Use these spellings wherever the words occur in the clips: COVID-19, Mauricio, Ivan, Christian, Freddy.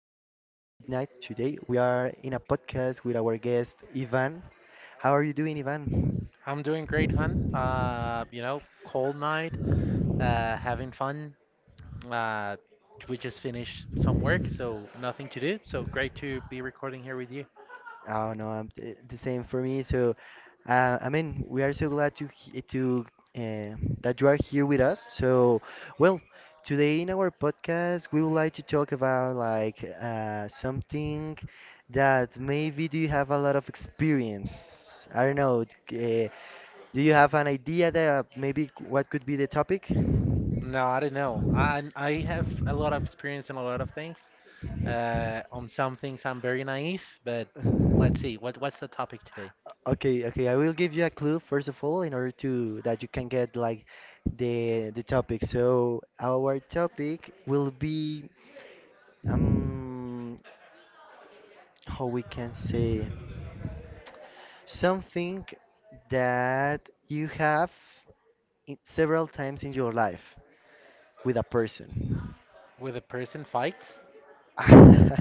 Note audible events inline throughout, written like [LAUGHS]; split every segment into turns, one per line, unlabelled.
night. Today we are in a podcast with our guest Ivan. How are you doing, Ivan?
I'm doing great, hun. Cold night, having fun. Uh, we just finished some work, so nothing to do. So great to be recording here with you.
Oh no, I'm the same for me. So, I mean, we are so glad to he- to that you are here with us. So, well, today in our podcast we would like to talk about like something that maybe do you have a lot of experience. I don't know. Uh, Do you have an idea that maybe what could be the topic?
No, I don't know. I have a lot of experience in a lot of things. On some things I'm very naive, but let's see. What's the topic today?
Okay, okay. I will give you a clue first of all in order to that you can get like the topic. So our topic will be um how we can say something that you have in several times in your life with a person.
With a person fights?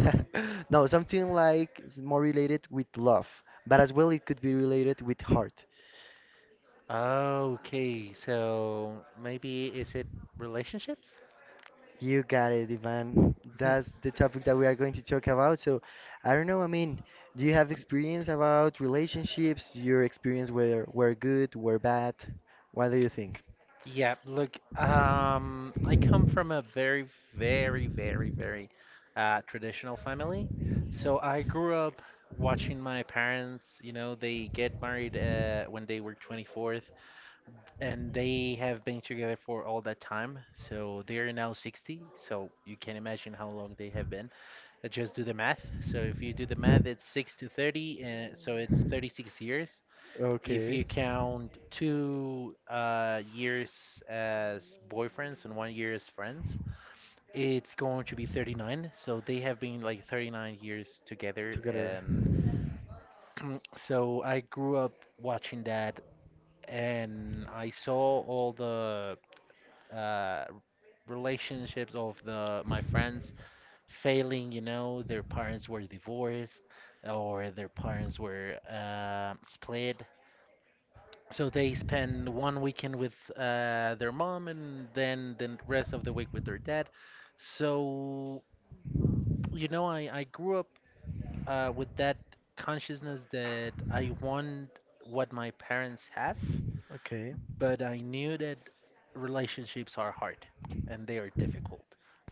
[LAUGHS]
No, something like more related with love, but as well it could be related with heart.
Okay, so maybe is it relationships?
You got it, Ivan. That's
[LAUGHS]
the topic that we are going to talk about. So, I don't know, I mean, do you have experience about relationships? Your experience were good, were bad? What do you think?
Yeah, look, I come from a very, very, very, very traditional family. So I grew up watching my parents, they get married when they were 24th, and they have been together for all that time. So they're now 60. So you can imagine how long they have been. Just do the math. So if you do the math, it's 6 to 30, so it's 36 years. If
Okay.
you count two years as boyfriends and one year as friends, it's going to be 39. So they have been like 39 years together.
Together.
And so I grew up watching that, and I saw all the uh, relationships of the my friends failing. Their parents were divorced, or their parents were split. So they spend one weekend with their mom, and then the rest of the week with their dad. So, I grew up with that consciousness that I want what my parents have,
Okay.
but I knew that relationships are hard and they are difficult.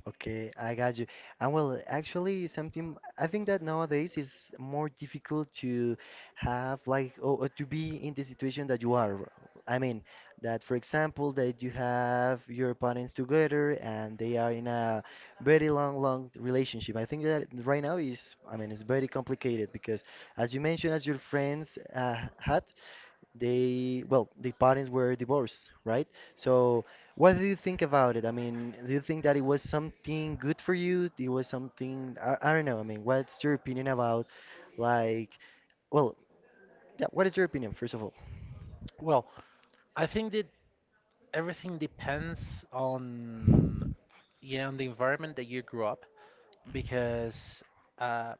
Okay, I got you. And well, actually, something I think that nowadays is more difficult to have like to be in the situation that you are. I mean, that for example, that you have your parents together and they are in a very long, long relationship. I think that right now is, I mean, it's very complicated because, as you mentioned, as your friends had. They, well, the parents were divorced, right? So what do you think about it? I mean, do you think that it was something good for you? It was something, I don't know, I mean, what's your opinion about like, well, yeah, what is your opinion first of all?
Well, I think that everything depends on, yeah, on the environment that you grew up, because uh,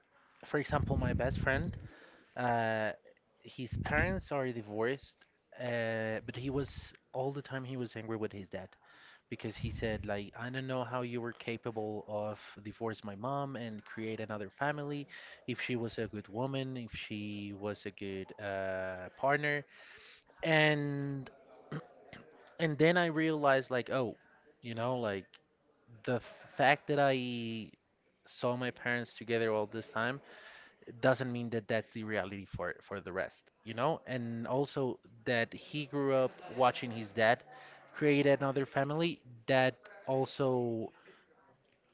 for example, my best friend. Uh, his parents are divorced, but he was all the time he was angry with his dad, because he said like, I don't know how you were capable of divorce my mom and create another family, if she was a good woman, if she was a good partner. And and then I realized like, oh, like the fact that I saw my parents together all this time doesn't mean that that's the reality for the rest, and also that he grew up watching his dad create another family, that also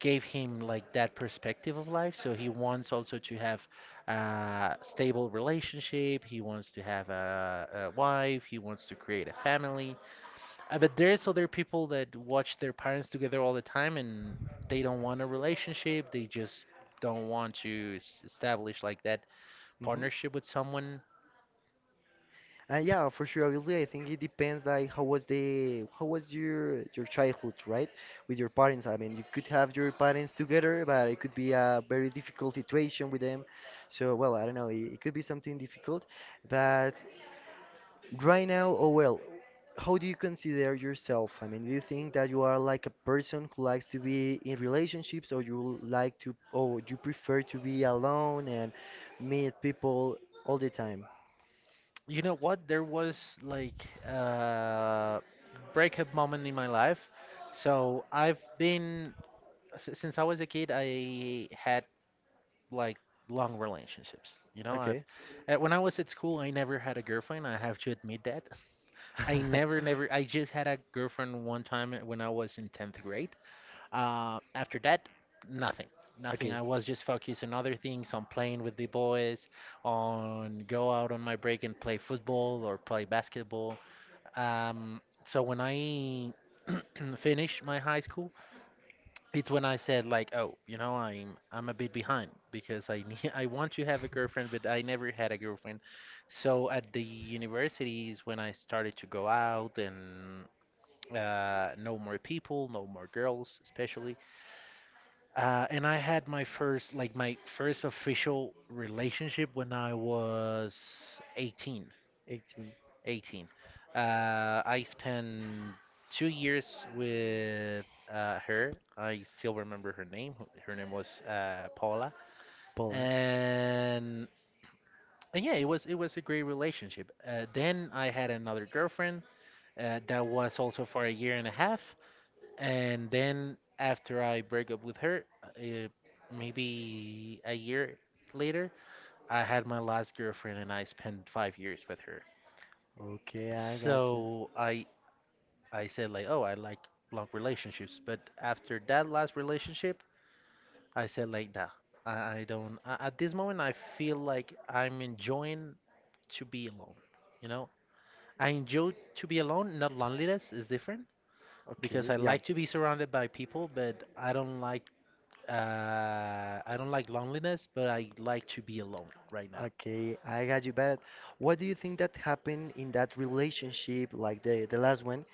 gave him like that perspective of life, so he wants also to have a stable relationship. He wants to have a wife. He wants to create a family, but there's other people that watch their parents together all the time, and they don't want a relationship. They just don't want to establish like that
Hmm.
partnership with someone.
Yeah, for sure. Obviously, I think it depends. Like, how was the how was your childhood, right? With your parents. I mean, you could have your parents together, but it could be a very difficult situation with them. So, well, I don't know. It could be something difficult. But right now, oh well. How do you consider yourself? I mean, do you think that you are like a person who likes to be in relationships, or you like to, or you prefer to be alone and meet people all the time?
You know what? There was like a breakup moment in my life. So I've been since I was a kid. I had like long relationships. You know, I've
Okay.
When I was at school, I never had a girlfriend. I have to admit that. I never, never. I
[LAUGHS]
just had a girlfriend one time when I was in 10th grade. After that, nothing. Nothing. I
Okay,
was just focused on other things, on playing with the boys, on go out on my break and play football or play basketball. Um, so when I [CLEARS THROAT] finish my high school, it's when I said like, oh, I'm a bit behind because I need, [LAUGHS] I want to have a girlfriend, but I never had a girlfriend. So at the universities, when I started to go out and know more people, know more girls, especially, and I had my first, like my first official relationship when I was 18.
18,
18. Uh, I spent 2 years with her. I still remember her name. Her name was Paula.
Poland.
And, and yeah, it was a great relationship. Then I had another girlfriend that was also for a year and a half. And then after I break up with her, maybe a year later, I had my last girlfriend, and I spent 5 years with her.
Okay, I got you.
So I said like, oh, I like long relationships, but after that last relationship, I said like, nah, I don't. At this moment, I feel like I'm enjoying to be alone. You know, I enjoy to be alone. Not loneliness is different, because
Okay,
I
yeah.
like to be surrounded by people, but I don't like. I don't like loneliness, but I like to be alone right now.
Okay, I got you. But what do you think that happened in that relationship, like the last one,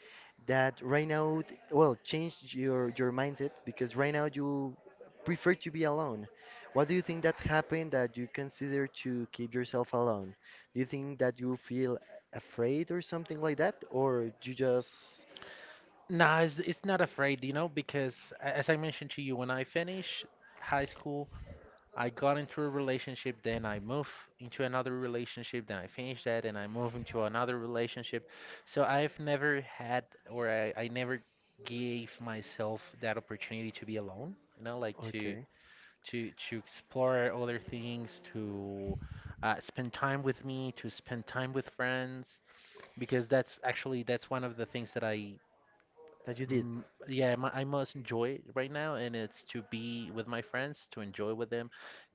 that right now, well, changed your mindset because right now you prefer to be alone. What do you think that happened that you consider to keep yourself alone? Do you think that you feel afraid or something like that, or you just
Nah, it's not afraid, because, as I mentioned to you, when I finished high school, I got into a relationship, then I moved into another relationship, then I finished that, and I moved into another relationship. So I've never had, or I never gave myself that opportunity to be alone, like to
okay
to explore other things, to spend time with me, to spend time with friends, because that's actually that's one of the things that I,
that you did?
mm, yeah, I most enjoy right now, and it's to be with my friends, to enjoy with them,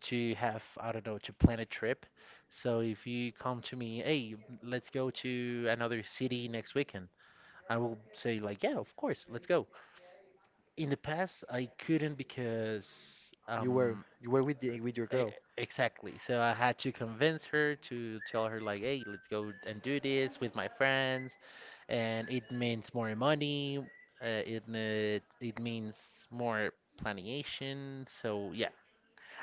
to have, I don't know, to plan a trip. So if you come to me, hey, let's go to another city next weekend. I will say like, yeah, of course, let's go. In the past, I couldn't, because um
You were with the, with your
E-
girl.
Exactly. So I had to convince her to tell her like, "Hey, let's go and do this with my friends," and it means more money. It means more planning. So yeah.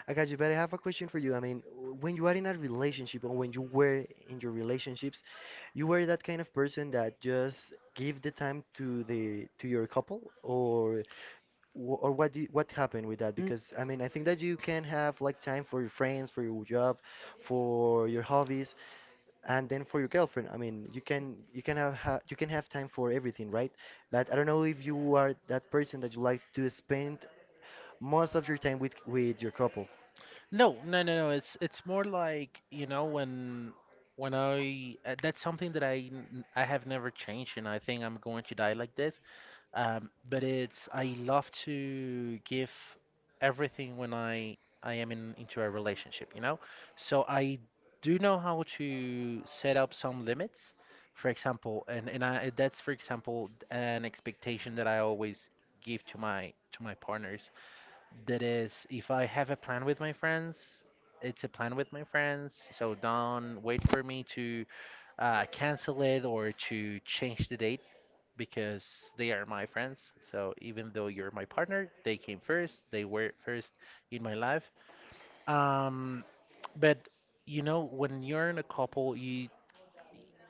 I got you, but I have a question for you. I mean, when you are in a relationship or when you were in your relationships, you were that kind of person that just give the time to the to your couple, or or what do you, what happened with that?
N-
Because I mean, I think that you can have like time for your friends, for your job, for your hobbies, and then for your girlfriend. I mean, you can have ha you can have time for everything, right? But I don't know if you are that person that you like to spend most of your time with your couple.
No, no, no, no, it's more like, you know, when I that's something that I have never changed, and I think I'm going to die like this. But it's I love to give everything when I am in into a relationship, you know? So I do know how to set up some limits. For example, and I that's, for example, an expectation that I always give to my partners. That is, if I have a plan with my friends, it's a plan with my friends. So don't wait for me to cancel it or to change the date, because they are my friends. So even though you're my partner, they came first. They were first in my life. Um, but you know, when you're in a couple, you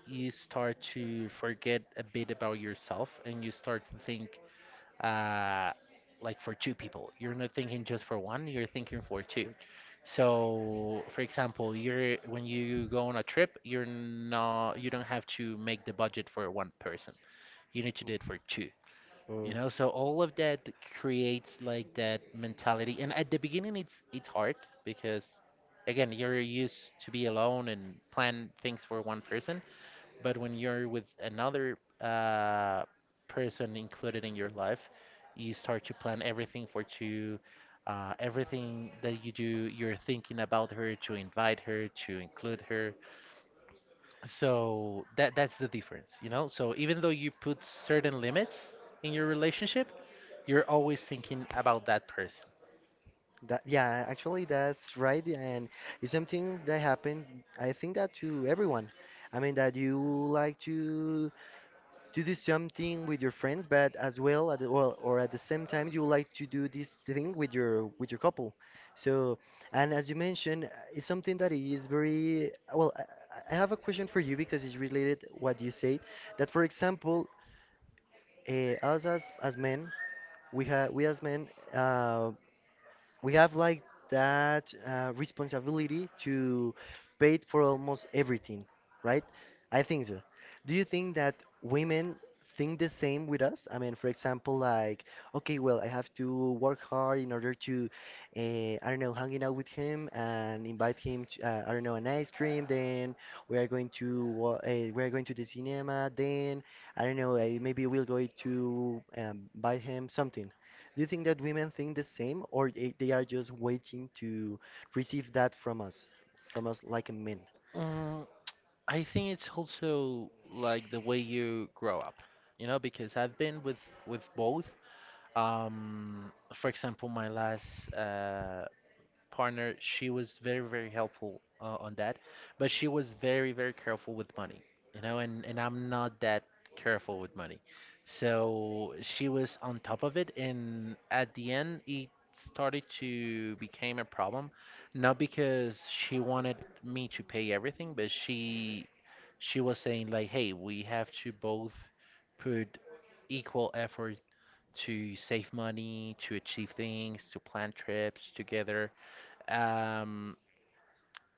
start to forget a bit about yourself, and you start to think, uh, like for two people. You're not thinking just for one. You're thinking for two.
Fruit
So, for example, you're when you go on a trip, you don't have to make the budget for one person. You need to do it for two, you
of
know, so all of that creates like that mentality, and at the beginning it's hard, because again, you're used to be alone and plan things for one person, but when you're with another person included in your life, you start to plan everything for two, everything that you do, you're thinking about her, to invite her, to include her. So that, that's the difference, you know, so even though you put certain limits in your relationship, you're always thinking about that person.
that, yeah, actually that's right, and it's something that happen. I think that to everyone. I mean that you like to do something with your friends, but as well at the, or at the same time you like to do this thing with your couple. So, and as you mentioned, it's something that is very well. I have a question for you because it's related what you said. That for example, us as men, we have we as men, uh, we have like that responsibility to pay for almost everything, right? I think so. Do you think that women think the same with us? I mean, for example, like okay, well, I have to work hard in order to, I don't know, hanging out with him and invite him to, I don't know, an ice cream. Then we are going to we are going to the cinema. Then I don't know, maybe we'll go to, buy him something. Do you think that women think the same, or they are just waiting to receive that from us like a men?
Mm, I think it's also like the way you grow up, you know, because I've been with, both. For example, my last partner, she was very, very helpful on that, but she was very, very careful with money, you know, and, I'm not that careful with money. So she was on top of it, and at the end, it started to become a problem, not because she wanted me to pay everything, but she was saying like, hey, we have to both put equal effort to save money, to achieve things, to plan trips together. Um,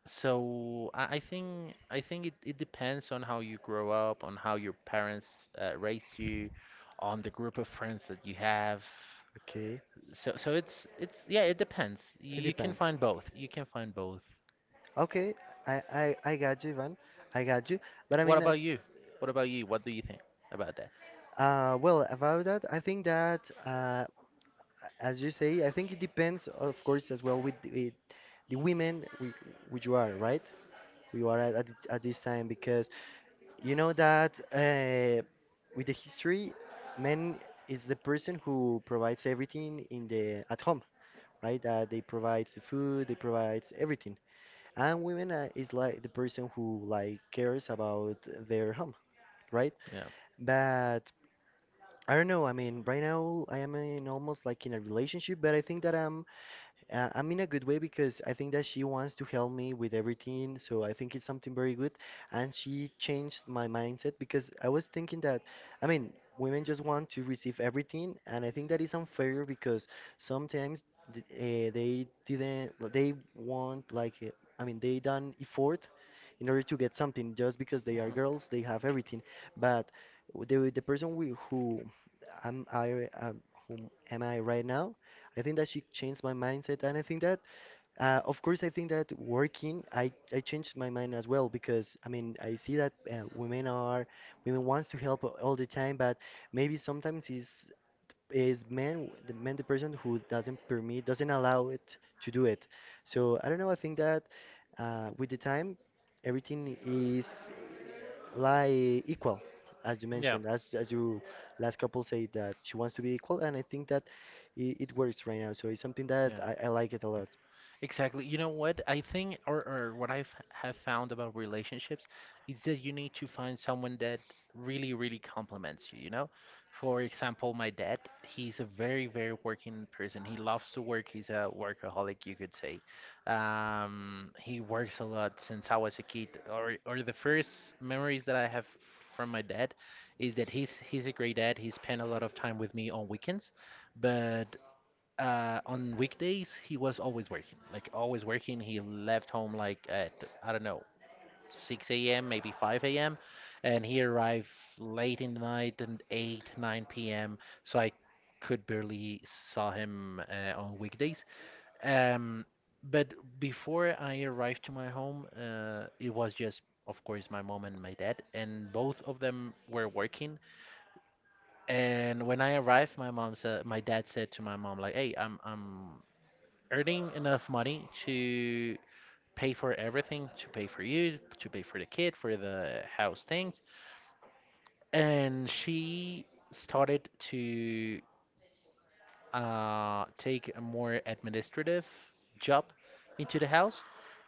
so I think it, it depends on how you grow up, on how your parents raised you, on the group of friends that you have.
Okay,
So so it's yeah, it depends. You,
it
you can
depends.
find both. You can find both.
Okay, I got you, Ivan. I got you. But I
What
mean,
about you? What about you? What do you think about that?
well, about that, I think that, as you say, I think it depends, of course, as well with the women which you are, right? We are at this time because. You know that with the history, man is the person who provides everything in the at home, right? They provides the food, they provides everything, and women is like the person who like cares about their home, right?
Yeah.
But I don't know. I mean, right now I am in almost like in a relationship, but I think that I'm in a good way because I think that she wants to help me with everything, so I think it's something very good. And she changed my mindset because I was thinking that, I mean, women just want to receive everything, and I think that is unfair because sometimes they didn't, well, they want like, I mean, they done effort in order to get something just because they are
Mhm.
girls, they have everything. But the person who am I, whom am I right now? I think that she changed my mindset, and I think that, of course, I think that working, I changed my mind as well because I mean I see that women wants to help all the time, but maybe sometimes is man the person who doesn't allow it to do it. So I don't know, I think that, with the time everything is like equal, as you
Yeah.
mentioned, as you last couple said that she wants to be equal, and I think that it works right now, so it's something that
Yeah.
I like it a lot.
Exactly. You know what? I think, or what I have found about relationships is that you need to find someone that really, really complements you, you know? For example, my dad, he's a very, very working person. He loves to work. He's a workaholic, you could say. He works a lot since I was a kid, or the first memories that I have from my dad is that he's a great dad. He spent a lot of time with me on weekends, but on weekdays he was always working, like always working. He left home like at, I don't know, 6 a.m., maybe 5 a.m., and he arrived late in the night and 8 9 p.m. So I could barely saw him on weekdays. Um, but before I arrived to my home, it was just of course my mom and my dad, and both of them were working. And when I arrived, my dad said to my mom, like, "Hey, I'm earning enough money to pay for everything, to pay for you, to pay for the kid, for the house things." And she started to take a more administrative job into the house.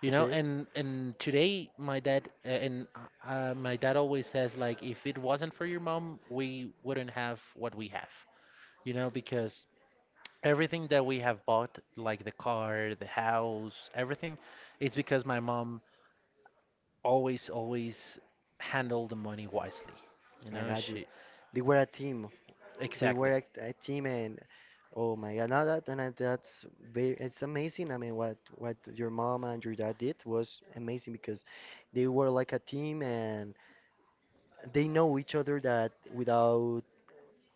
Okay,
And today, my dad always says, like, "If it wasn't for your mom, we wouldn't have what we have." Because everything that we have bought, like the car, the house, everything, it's because my mom always, always handled the money wisely. You
I
know,
got you.
she...
They were a team. They
Exactly,
were a team, and oh my God, now that, and that's very, it's amazing. I mean, what your mom and your dad did was amazing because they were like a team, and they know each other that without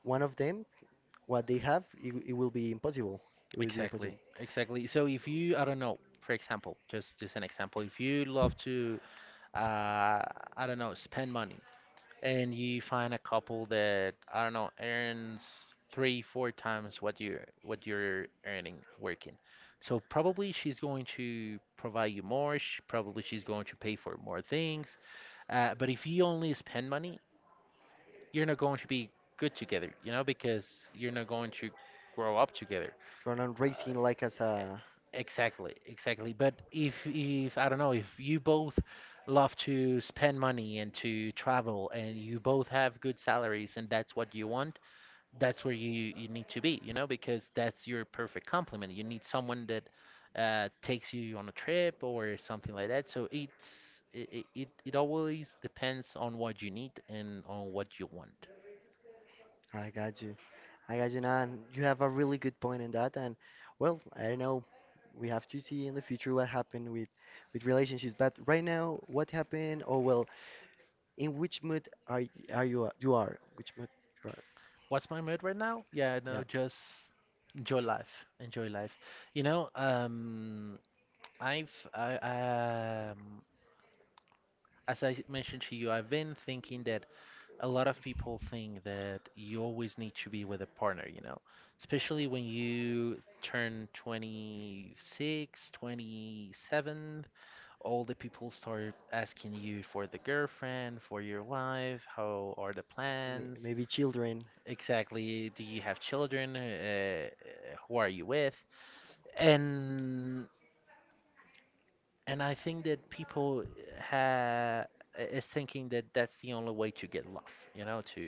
one of them, what they have, it will be impossible. It will be
exactly,
impossible.
exactly. So if you, I don't know, for example, just an example, if you love to, uh, I don't know, spend money, and you find a couple that I don't know earns three, four times what you're earning working. So probably she's going to provide you more. Probably she's going to pay for more things. But if you only spend money, you're not going to be good together, you know, because you're not going to grow up together.
You're not
Uh,
racing like as a.
Exactly, exactly. But if I don't know, if you both love to spend money and to travel and you both have good salaries and that's what you want, that's where you need to be, you know, because that's your perfect complement. You need someone that takes you on a trip or something like that. So it's it it, it it always depends on what you need and on what you want.
I got you. I got you, and you have a really good point in that. And well, I don't know. We have to see in the future what happened with relationships. But right now, what happened? Oh well, in which mood are y- are you you are? Which mood you are?
What's my mood right now? Yeah,
Yeah.
no, just enjoy life. Enjoy life. You know, I've I um as I mentioned to you, I've been thinking that a lot of people think that you always need to be with a partner, you know, especially when you turn 26, 27, all the people start asking you for the girlfriend, for your wife. How are the
May-
plans?
maybe children.
Exactly, do you have children? Who are you with? And And I think that people ha is thinking that that's the only way to get love, you know, to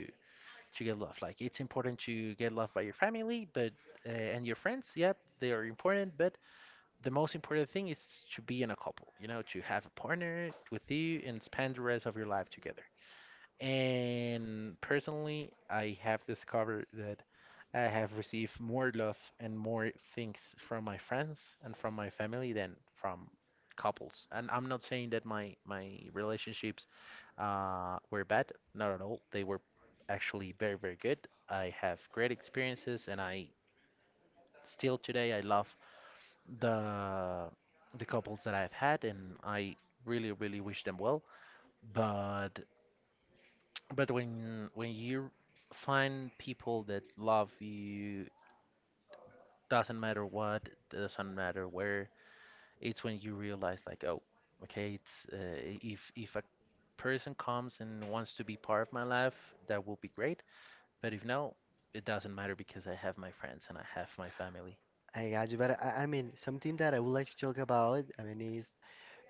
to get love. Like it's important to get love by your family, but and your friends, yep, they are important, but the most important thing is to be in a couple, you know, to have a partner with you and spend the rest of your life together. And personally, I have discovered that I have received more love and more things from my friends and from my family than from couples. And I'm not saying that my relationships were bad, not at all. They were actually very, very good. I have great experiences, and I still today I love the the couples that I've had, and I really, really wish them well. But but when you find people that love you, doesn't matter what, doesn't matter where, it's when you realize like, oh, okay, it's if a person comes and wants to be part of my life, that will be great. But if no, it doesn't matter because I have my friends and I have my family.
I got you, but I mean something that I would like to talk about. I mean, is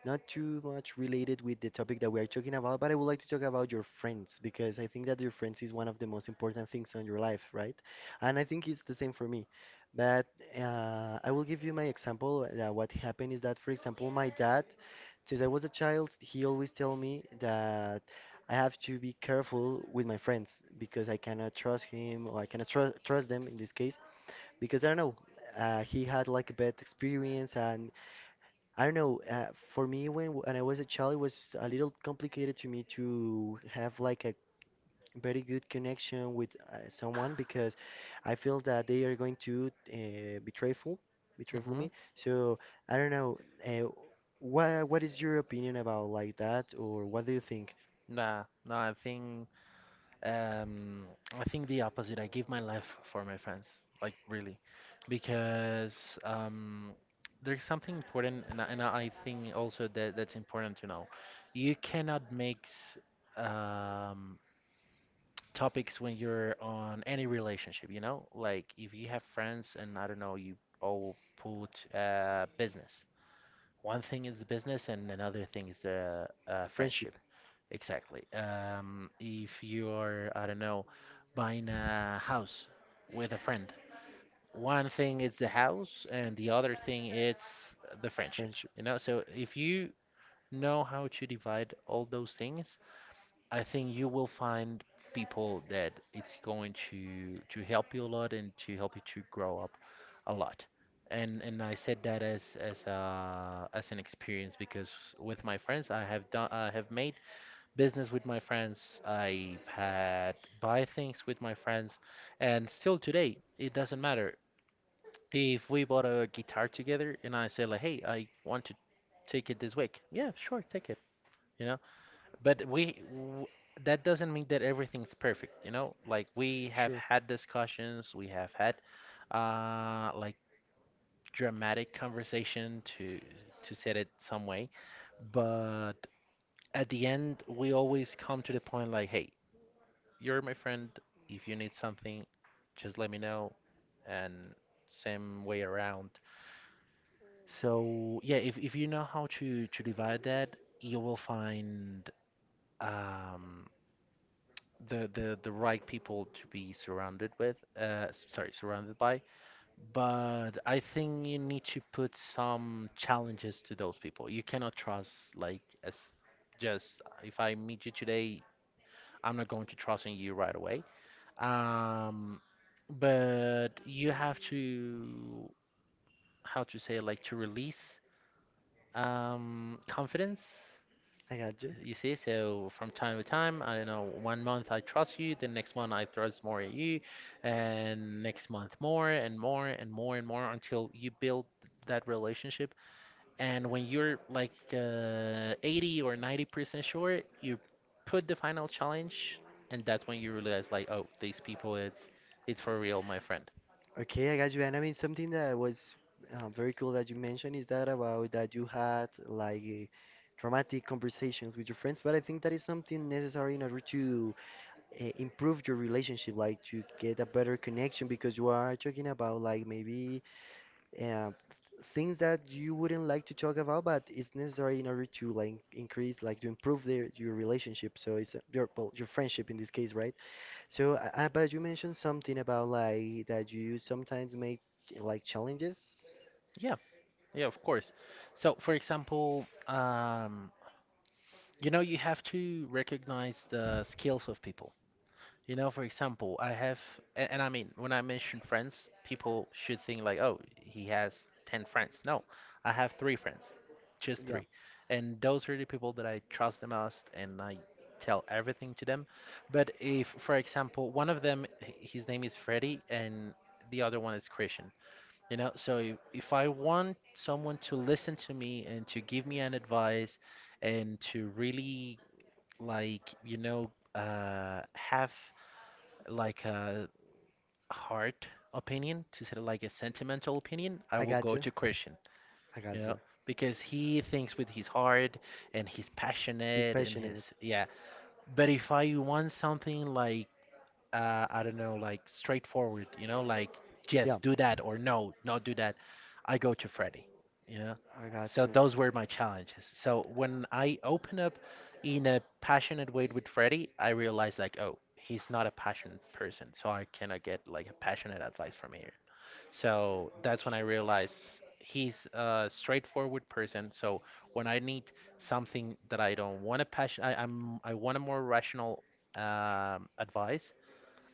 not too much related with the topic that we are talking about, but I would like to talk about your friends because I think that your friends is one of the most important things on your life, right? And I think it's the same for me. But I will give you my example. What happened is that, for example, my dad, since I was a child, he always tell me that I have to be careful with my friends because I cannot trust him or I cannot trust them in this case because I don't know. He had like a bad experience and I don't know. For me, when I was a child, it was a little complicated to me to have like a very good connection with someone because I feel that they are going to, betrayful
Mm-hmm.
me. So I don't know. Uh, what is your opinion about like that, or what do you think?
Nah, no, Um, I think the opposite. I give my life for my friends, like really, because there's something important, and I think also that that's important to know. You cannot make um, topics when you're on any relationship, you know? Like if you have friends and I don't know, you all put business. One thing is the business, and another thing is the
Friendship,
friendship. Exactly. If you are, I don't know, buying a house with a friend, one thing is the house, and the other thing is the friendship.
friendship.
You know, so if you know how to divide all those things, I think you will find people that it's going to help you a lot and to help you to grow a lot. And I said that as an experience because with my friends I have made business with my friends. I've had buy things with my friends, and still today it doesn't matter if we bought a guitar together, and I say like, "Hey, I want to take it this week." "Yeah, sure, take it." You know, but we w that doesn't mean that everything's perfect. You know, like we have
Sure,
had discussions, we have had like dramatic conversation to set it some way. But at the end, we always come to the point like, "Hey, you're my friend. If you need something, just let me know." And same way around. So yeah, if you know how to divide that, you will find um the right people to be surrounded with, sorry, surrounded by. But I think you need to put some challenges to those people. You cannot trust like as just, if I meet you today, I'm not going to trust in you right away. Um, but you have to how to say like to release confidence.
I got.
You see, so from time to time, I don't know, one month I trust you, the next month I trust more at you, and next month more and more and more and more until you build that relationship. And when you're like 80 or 90% sure, you put the final challenge, and that's when you realize like, oh, these people, it's for real, my friend.
Okay, I got you. And I mean, something that was very cool that you mentioned is that about that you had like dramatic conversations with your friends. But I think that is something necessary in order to, improve your relationship, like to get a better connection, because you are talking about like maybe uh, things that you wouldn't like to talk about, but it's necessary in order to like increase, like to improve their your relationship. So it's your well, your friendship in this case, right? So, but you mentioned something about like that you sometimes make like challenges.
Yeah, yeah, of course. So, for example, you know, you have to recognize the skills of people. You know, for example, I have, and I mean, when I mention friends, people should think like, oh, he has 10 friends. No, I have three friends, just
Yeah,
three. And those are the people that I trust the most, and I tell everything to them. But if, for example, one of them, his name is Freddy, and the other one is Christian, you know, so if I want someone to listen to me and to give me an advice and to really, like, you know, have like a hard opinion, to say like a sentimental opinion, I
I
will
got
go
you.
to Christian,
I
you
got
know,
you.
because he thinks with his heart and he's
He's
passionate and his,
passionate.
yeah. But if I want something like, I don't know, like straightforward, you know, like
Yeah,
yes, do that or no, not do that. I go to Freddy, you know.
I got
So
you.
those were my challenges. So when I open up in a passionate way with Freddy, I realized like, oh, he's not a passionate person, so I cannot get like a passionate advice from here. So that's when I realized he's a straightforward person. So when I need something that I don't want to passion, I want a more rational advice.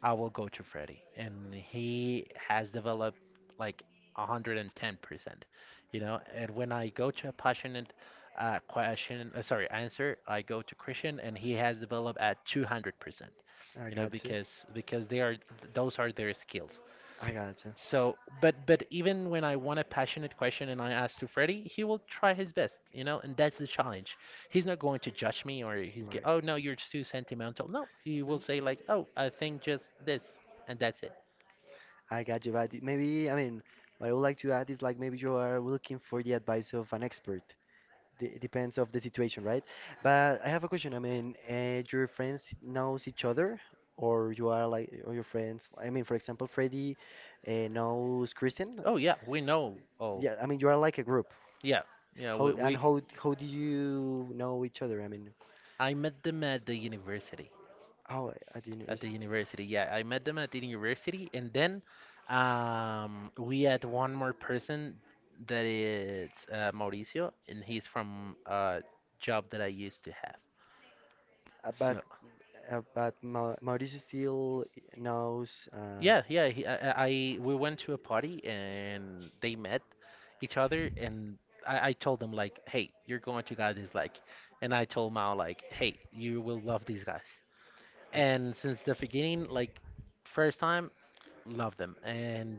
I will go to Freddy, and he has developed like 110%. You know, and when I go to a passionate question, sorry, answer, I go to Christian, and he has developed at 200%.
I
You know,
got you.
because they are those are their skills.
I got you.
So, but even when I want a passionate question and I ask to Freddie, he will try his best, you know, and that's the challenge. He's not going to judge me, or
Like,
oh no, you're too sentimental. No, he will
no?
say like, oh, I think just this, and that's it.
I got you, but maybe, I mean, what I would like to add is like maybe you are looking for the advice of an expert. D it depends of the situation, right? But I have a question. I mean, your friends knows each other, or you are like, or your friends. I mean, for example, Freddy knows Kristen.
Oh yeah, we know. Oh
Yeah, I mean, you are like a group.
yeah, yeah,
How and
we
how do you know each other? I mean,
I met them at the university.
how at the
At the
university?
university, yeah. I met them at the university, and then we had one more person that is Mauricio, and he's from a job that I used to have.
Uh, but
So
but Ma Maurice still knows.
yeah, yeah. He, I- We went to a party and they met each other, and I told them like, "Hey, you're going to guys this like," and I told Mao like, "Hey, you will love these guys."
I,
And since the beginning, like, first time. Love them.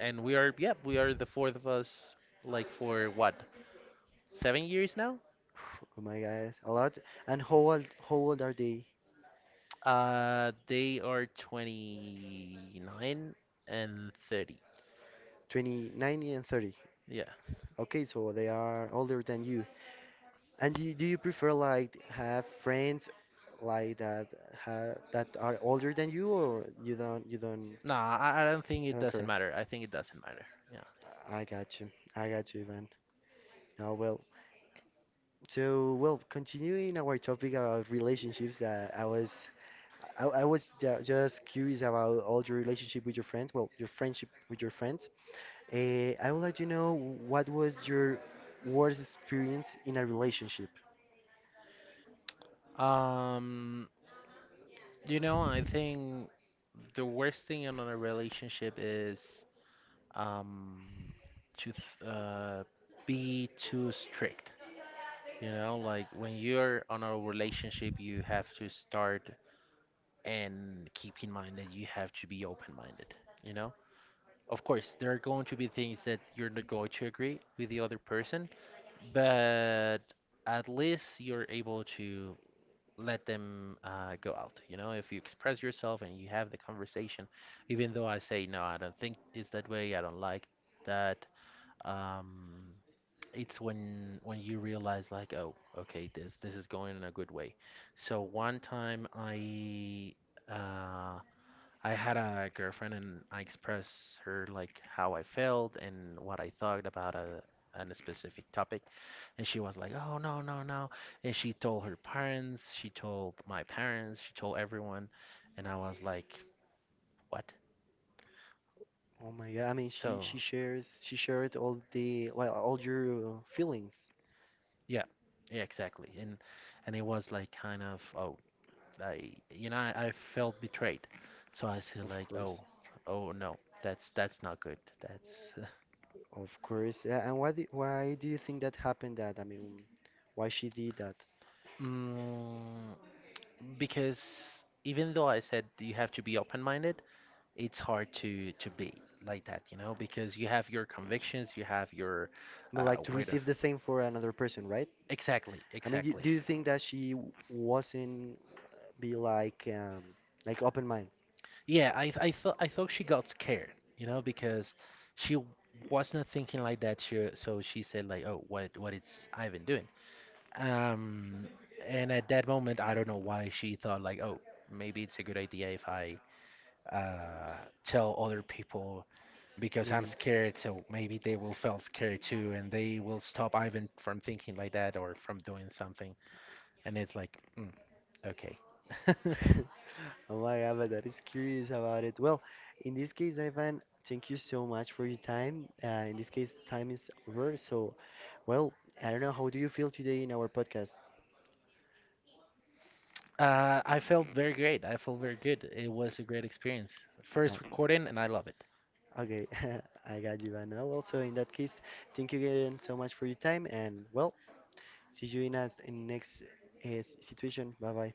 And we are, yep, we are the fourth of us, like, for what? 7 years now?
Oh my God, a lot. And how old? How old are they?
They are 29 and 30.
29 and 30.
Yeah.
Okay, so they are older than you. And do you prefer like have friends like that ha that are older than you, or you don't you don't,
No, I don't think
I
it
don't
doesn't
care?
matter. I think it doesn't matter. Yeah.
I got you. I got you, Ivan. Now, well, so well, continuing our topic about relationships that I was just curious about all your relationship with your friends, well, your friendship with your friends. I would like to know what was your worst experience in a relationship?
Um you know, I think the worst thing in a relationship is um to th- uh be too strict. You know, like when you're on a relationship, you have to start and keep in mind that you have to be open-minded, you know? Of course, there are going to be things that you're not going to agree with the other person, but at least you're able to let them go out. You know, if you express yourself and you have the conversation, even though I say, "No, I don't think it's that way, I don't like that," um, it's when you realize like, oh, okay, this is going in a good way. So one time uh, I had a girlfriend and I expressed her like how I felt and what I thought about a on a specific topic, and she was like, "Oh no, no, no." And she told her parents, she told my parents, she told everyone, and I was like, "What?"
Oh my God, I mean,
So,
she shares she shared all the well all your feelings,
yeah. Yeah, exactly. And it was like kind of, "Oh, I, you know, I felt betrayed." So I said
of
like, oh,
course,
oh no, that's not good. That's...
of course. And why do you think that happened? That I mean, why she did that?
[LAUGHS] mm, because even though I said you have to be open-minded, it's hard to be like that, you know, because you have your convictions, you have your
I mean, like to
way of...
receive the same for another person, right?
Exactly,
I mean, do,
exactly.
do you think that she wasn't be like open mind?
Yeah, I thought she got scared, you know, because she wasn't thinking like that. She, so she said like, "Oh, what is Ivan doing?" Um, and at that moment, I don't know why she thought like, oh, maybe it's a good idea if I tell other people because I'm
Maybe.
scared, so maybe they will feel scared too, and they will stop Ivan from thinking like that or from doing something. And it's like, okay. [LAUGHS]
[LAUGHS] Oh my God, but that is curious about it. Well, in this case, Ivan, thank you so much for your time. In this case, time is over. So, well, I don't know. How do you feel today in our podcast?
I felt very great. I felt very good. It was a great experience. First
No.
recording, and I love it.
Okay, [LAUGHS] I got you, Ivan. Well, so in that case, thank you again so much for your time, and well, see you in a, in next situation. Bye bye.